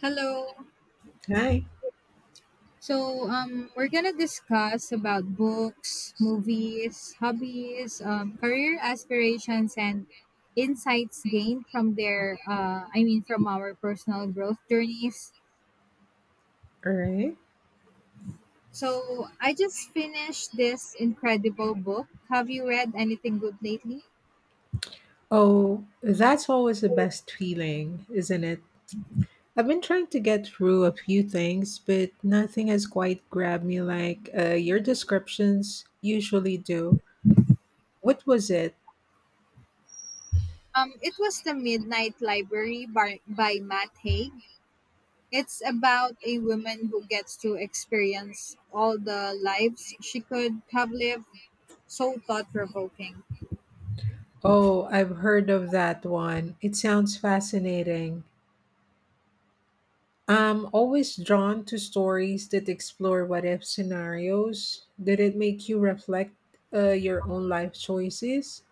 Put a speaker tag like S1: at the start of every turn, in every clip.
S1: Hello.
S2: Right,
S1: So we're gonna discuss about books, movies, hobbies, career aspirations, and insights gained from from our personal growth journeys.
S2: right.
S1: So I just finished this incredible book. Have you read anything good lately?
S2: Oh, that's always the best feeling, isn't it? I've been trying to get through a few things, but nothing has quite grabbed me like your descriptions usually do. What was it?
S1: It was The Midnight Library by Matt Haig. It's about a woman who gets to experience all the lives she could have lived. So thought provoking.
S2: Oh, I've heard of that one. It sounds fascinating. I'm always drawn to stories that explore what if scenarios. Did it make you reflect your own life choices?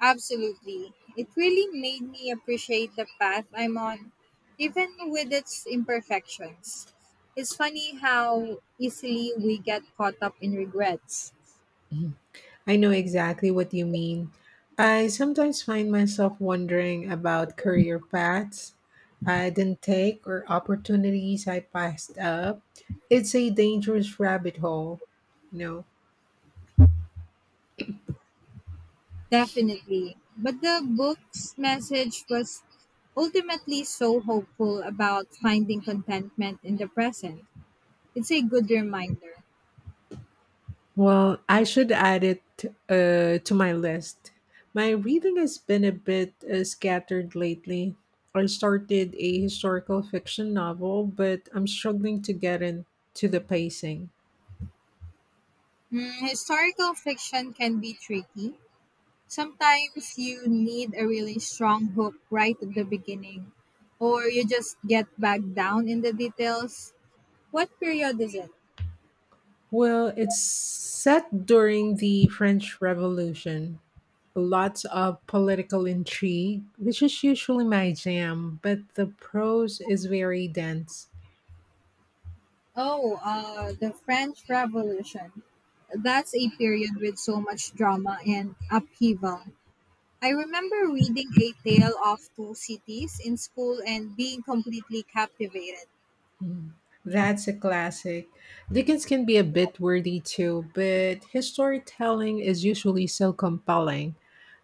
S1: Absolutely. It really made me appreciate the path I'm on, even with its imperfections. It's funny how easily we get caught up in regrets.
S2: I know exactly what you mean. I sometimes find myself wondering about career paths I didn't take or opportunities I passed up. It's a dangerous rabbit hole. No.
S1: Definitely. But the book's message was ultimately so hopeful about finding contentment in the present. It's a good reminder.
S2: Well, I should add it to my list. My reading has been a bit scattered lately. I started a historical fiction novel, but I'm struggling to get into the pacing.
S1: Mm, historical fiction can be tricky. Sometimes you need a really strong hook right at the beginning, or you just get back down in the details. What period is it?
S2: Well, it's set during the French Revolution. Lots of political intrigue, which is usually my jam, but the prose is very dense.
S1: Oh, the French Revolution. That's a period with so much drama and upheaval. I remember reading A Tale of Two Cities in school and being completely captivated.
S2: Mm. That's a classic. Dickens can be a bit wordy too, but his storytelling is usually so compelling.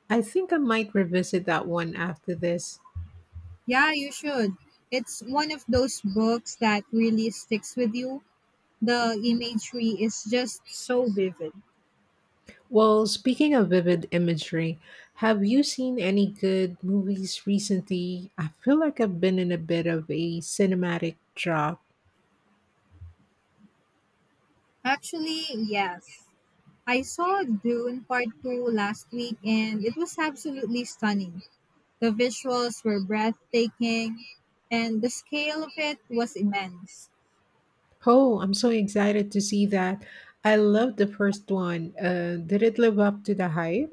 S2: I think I might revisit that one after this.
S1: Yeah, you should. It's one of those books that really sticks with you. The imagery is just so vivid.
S2: Well, speaking of vivid imagery, have you seen any good movies recently? I feel like I've been in a bit of a cinematic drop.
S1: Actually, yes. I saw Dune Part 2 last week and it was absolutely stunning. The visuals were breathtaking and the scale of it was immense.
S2: Oh, I'm so excited to see that. I loved the first one. Did it live up to the hype?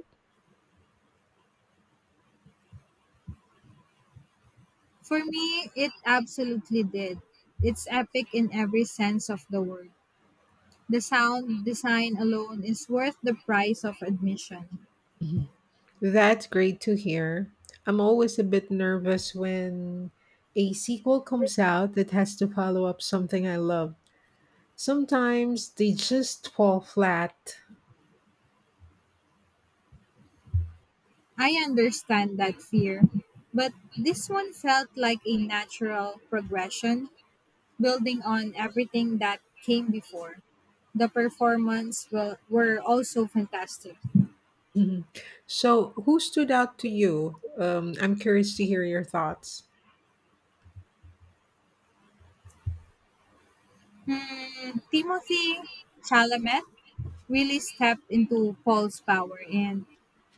S1: For me, it absolutely did. It's epic in every sense of the word. The sound design alone is worth the price of admission.
S2: Mhm. That's great to hear. I'm always a bit nervous when a sequel comes out that has to follow up something I love. Sometimes they just fall flat.
S1: I understand that fear, but this one felt like a natural progression building on everything that came before. The performance were also fantastic.
S2: Mhm. So, who stood out to you? I'm curious to hear your thoughts.
S1: Hmm, Timothy Chalamet really stepped into Paul's power, and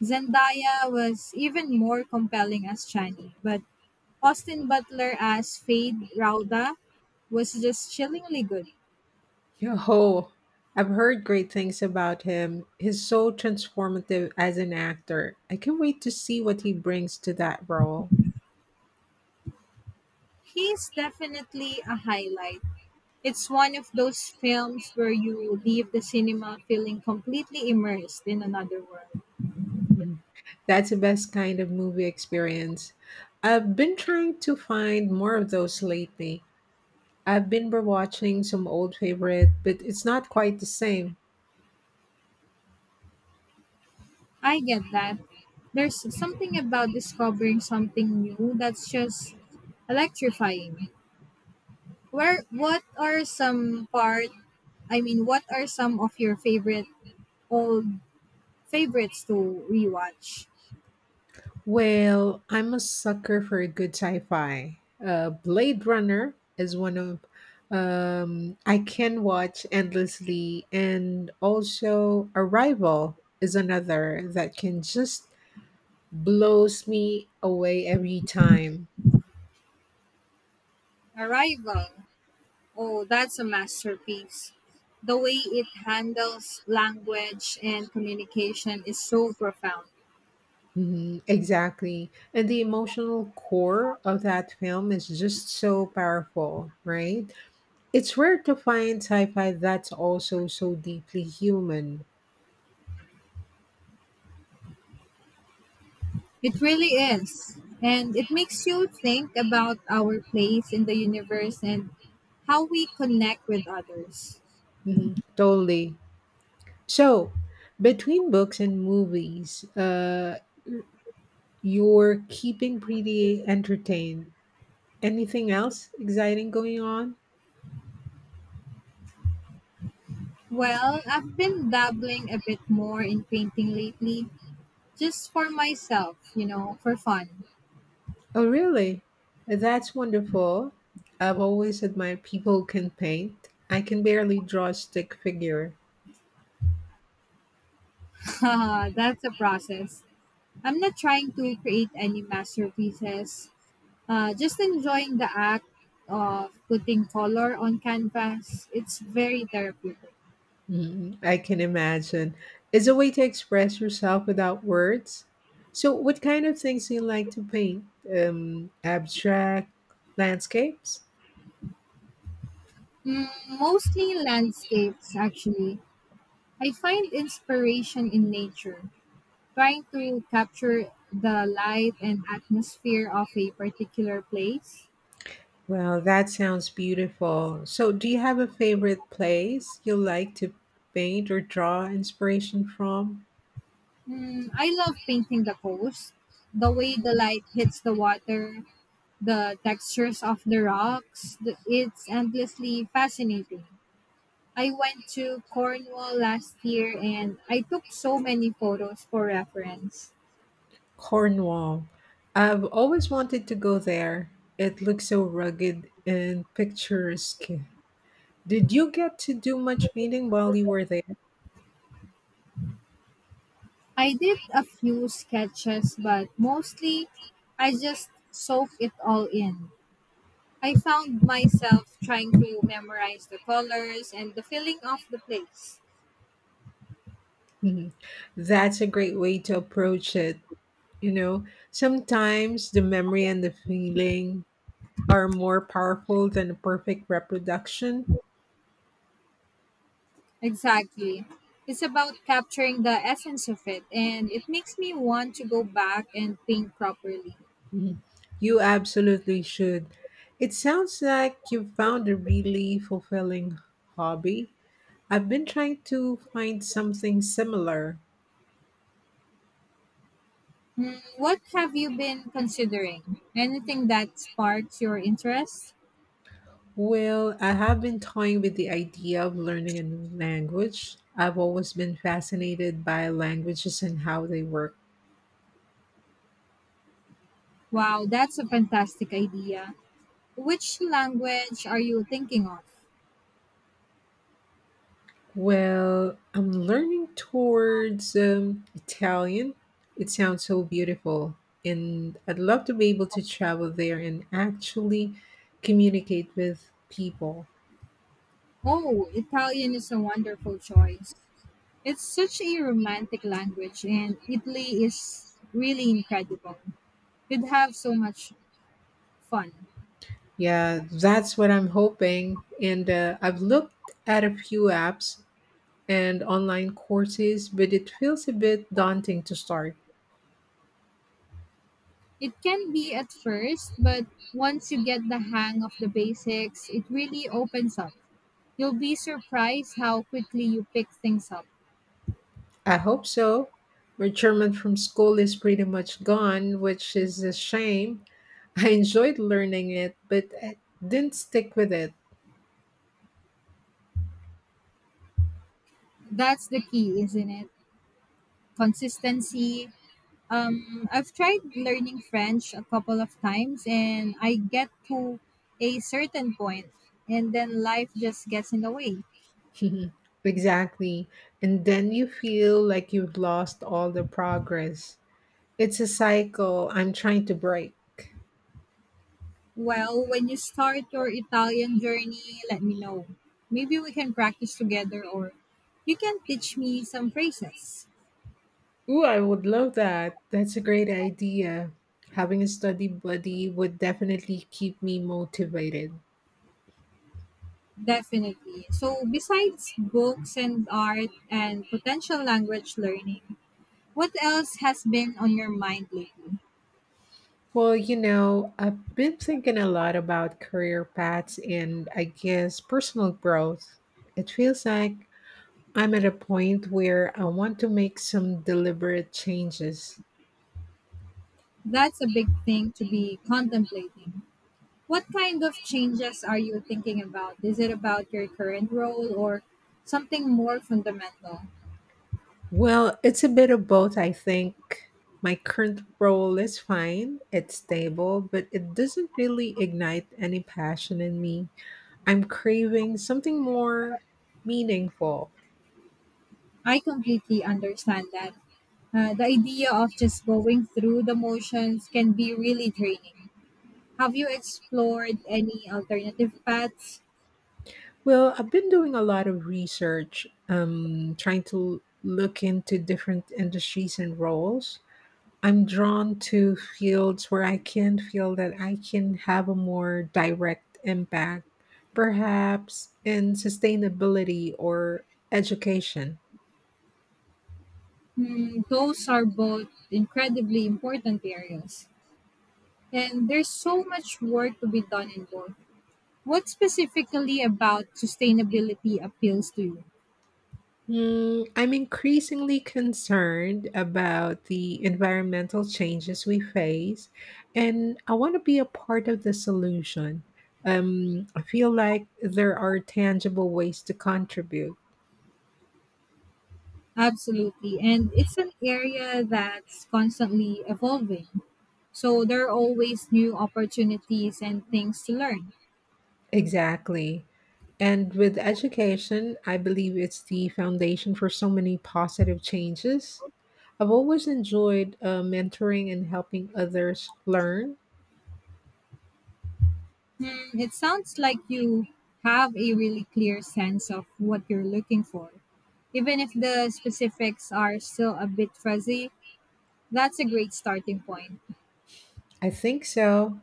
S1: Zendaya was even more compelling as Chani. But Austin Butler as Fade Rauda was just chillingly good.
S2: Yo, I've heard great things about him. He's so transformative as an actor. I can't wait to see what he brings to that role.
S1: He's definitely a highlight. It's one of those films where you leave the cinema feeling completely immersed in another world.
S2: Mhm. That's the best kind of movie experience. I've been trying to find more of those lately. I've been rewatching some old favorite, but it's not quite the same.
S1: I get that. There's something about discovering something new that's just electrifying. Where what are some part I mean what are some of your favorite old favorites to rewatch?
S2: Well, I'm a sucker for a good sci-fi. Blade Runner is one of I can watch endlessly, and also Arrival is another that can just blows me away every time.
S1: Arrival. Oh, that's a masterpiece. The way it handles language and communication is so profound.
S2: Hmm, exactly, and the emotional core of that film is just so powerful, right? It's rare to find sci-fi that's also so deeply human.
S1: It really is. And it makes you think about our place in the universe and how we connect with others.
S2: Hmm. Totally. So, between books and movies, you're keeping pretty entertained. Anything else exciting going on?
S1: Well, I've been dabbling a bit more in painting lately, just for myself, for fun.
S2: Oh, really? That's wonderful. I've always admired people who can paint. I can barely draw a stick figure.
S1: That's a process. I'm not trying to create any masterpieces, just enjoying the act of putting color on canvas. It's very therapeutic.
S2: Mhm, I can imagine. It's a way to express yourself without words. So, what kind of things do you like to paint? Abstract landscapes?
S1: Mm, mostly landscapes, actually. I find inspiration in nature, trying to capture the light and atmosphere of a particular place.
S2: Well, that sounds beautiful. So, do you have a favorite place you like to paint or draw inspiration from?
S1: Mm, I love painting the coast, the way the light hits the water, the textures of the rocks. It's endlessly fascinating. I went to Cornwall last year and I took so many photos for reference.
S2: Cornwall. I've always wanted to go there. It looks so rugged and picturesque. Did you get to do much painting while you were there?
S1: I did a few sketches, but mostly I just soak it all in. I found myself trying to memorize the colors and the feeling of the place.
S2: Mhm. That's a great way to approach it. You know, sometimes the memory and the feeling are more powerful than a perfect reproduction.
S1: Exactly. It's about capturing the essence of it, and it makes me want to go back and paint properly.
S2: Mhm. You absolutely should. It sounds like you've found a really fulfilling hobby. I've been trying to find something similar.
S1: Hmm, what have you been considering? Anything that sparks your interest?
S2: Well, I have been toying with the idea of learning a new language. I've always been fascinated by languages and how they work.
S1: Wow, that's a fantastic idea. Which language are you thinking of?
S2: Well, I'm learning towards Italian. It sounds so beautiful, and I'd love to be able to travel there and actually communicate with people.
S1: Oh, Italian is a wonderful choice. It's such a romantic language, and Italy is really incredible. You'd have so much fun.
S2: Yeah, that's what I'm hoping. And I've looked at a few apps and online courses, but it feels a bit daunting to start.
S1: It can be at first, but once you get the hang of the basics, it really opens up. You'll be surprised how quickly you pick things up.
S2: I hope so. My German from school is pretty much gone, which is a shame. I enjoyed learning it, but I didn't stick with it.
S1: That's the key, isn't it? Consistency. I've tried learning French a couple of times, and I get to a certain point, and then life just gets in the way.
S2: Exactly. And then you feel like you've lost all the progress. It's a cycle I'm trying to break.
S1: Well, when you start your Italian journey, let me know. Maybe we can practice together or you can teach me some phrases.
S2: Ooh, I would love that. That's a great idea. Having a study buddy would definitely keep me motivated.
S1: Definitely. So, besides books and art and potential language learning, what else has been on your mind lately?
S2: Well, you know, I've been thinking a lot about career paths and I guess personal growth. It feels like I'm at a point where I want to make some deliberate changes.
S1: That's a big thing to be contemplating. What kind of changes are you thinking about? Is it about your current role or something more fundamental?
S2: Well, it's a bit of both, I think. My current role is fine, it's stable, but it doesn't really ignite any passion in me. I'm craving something more meaningful.
S1: I completely understand that. The idea of just going through the motions can be really draining. Have you explored any alternative paths?
S2: Well, I've been doing a lot of research, trying to look into different industries and roles. I'm drawn to fields where I can feel that I can have a more direct impact, perhaps in sustainability or education.
S1: Hmm, those are both incredibly important areas, and there's so much work to be done in both. What specifically about sustainability appeals to you?
S2: Mm, I'm increasingly concerned about the environmental changes we face, and I want to be a part of the solution. I feel like there are tangible ways to contribute.
S1: Absolutely, and it's an area that's constantly evolving. So there are always new opportunities and things to learn.
S2: Exactly. And with education, I believe it's the foundation for so many positive changes. I've always enjoyed mentoring and helping others learn.
S1: It sounds like you have a really clear sense of what you're looking for. Even if the specifics are still a bit fuzzy, that's a great starting point.
S2: I think so.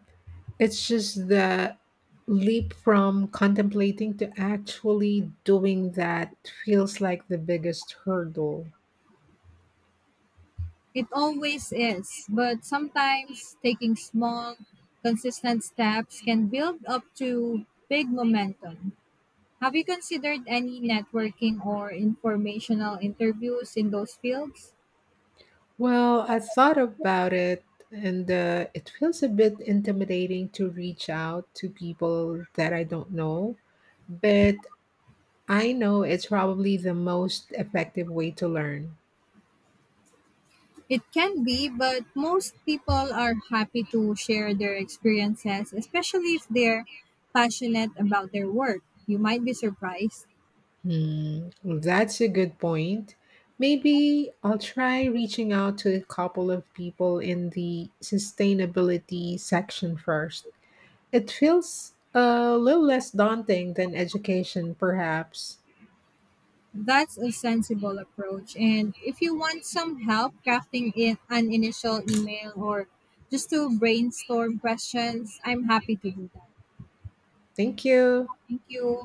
S2: It's just that leap from contemplating to actually doing that feels like the biggest hurdle.
S1: It always is, but sometimes taking small, consistent steps can build up to big momentum. Have you considered any networking or informational interviews in those fields?
S2: Well, I thought about it, and it feels a bit intimidating to reach out to people that I don't know, but I know it's probably the most effective way to learn.
S1: It can be, but most people are happy to share their experiences, especially if they're passionate about their work. You might be surprised.
S2: Hmm, that's a good point. Maybe I'll try reaching out to a couple of people in the sustainability section first. It feels a little less daunting than education, perhaps.
S1: That's a sensible approach. And if you want some help crafting in an initial email or just to brainstorm questions, I'm happy to do that.
S2: Thank you.
S1: Thank you.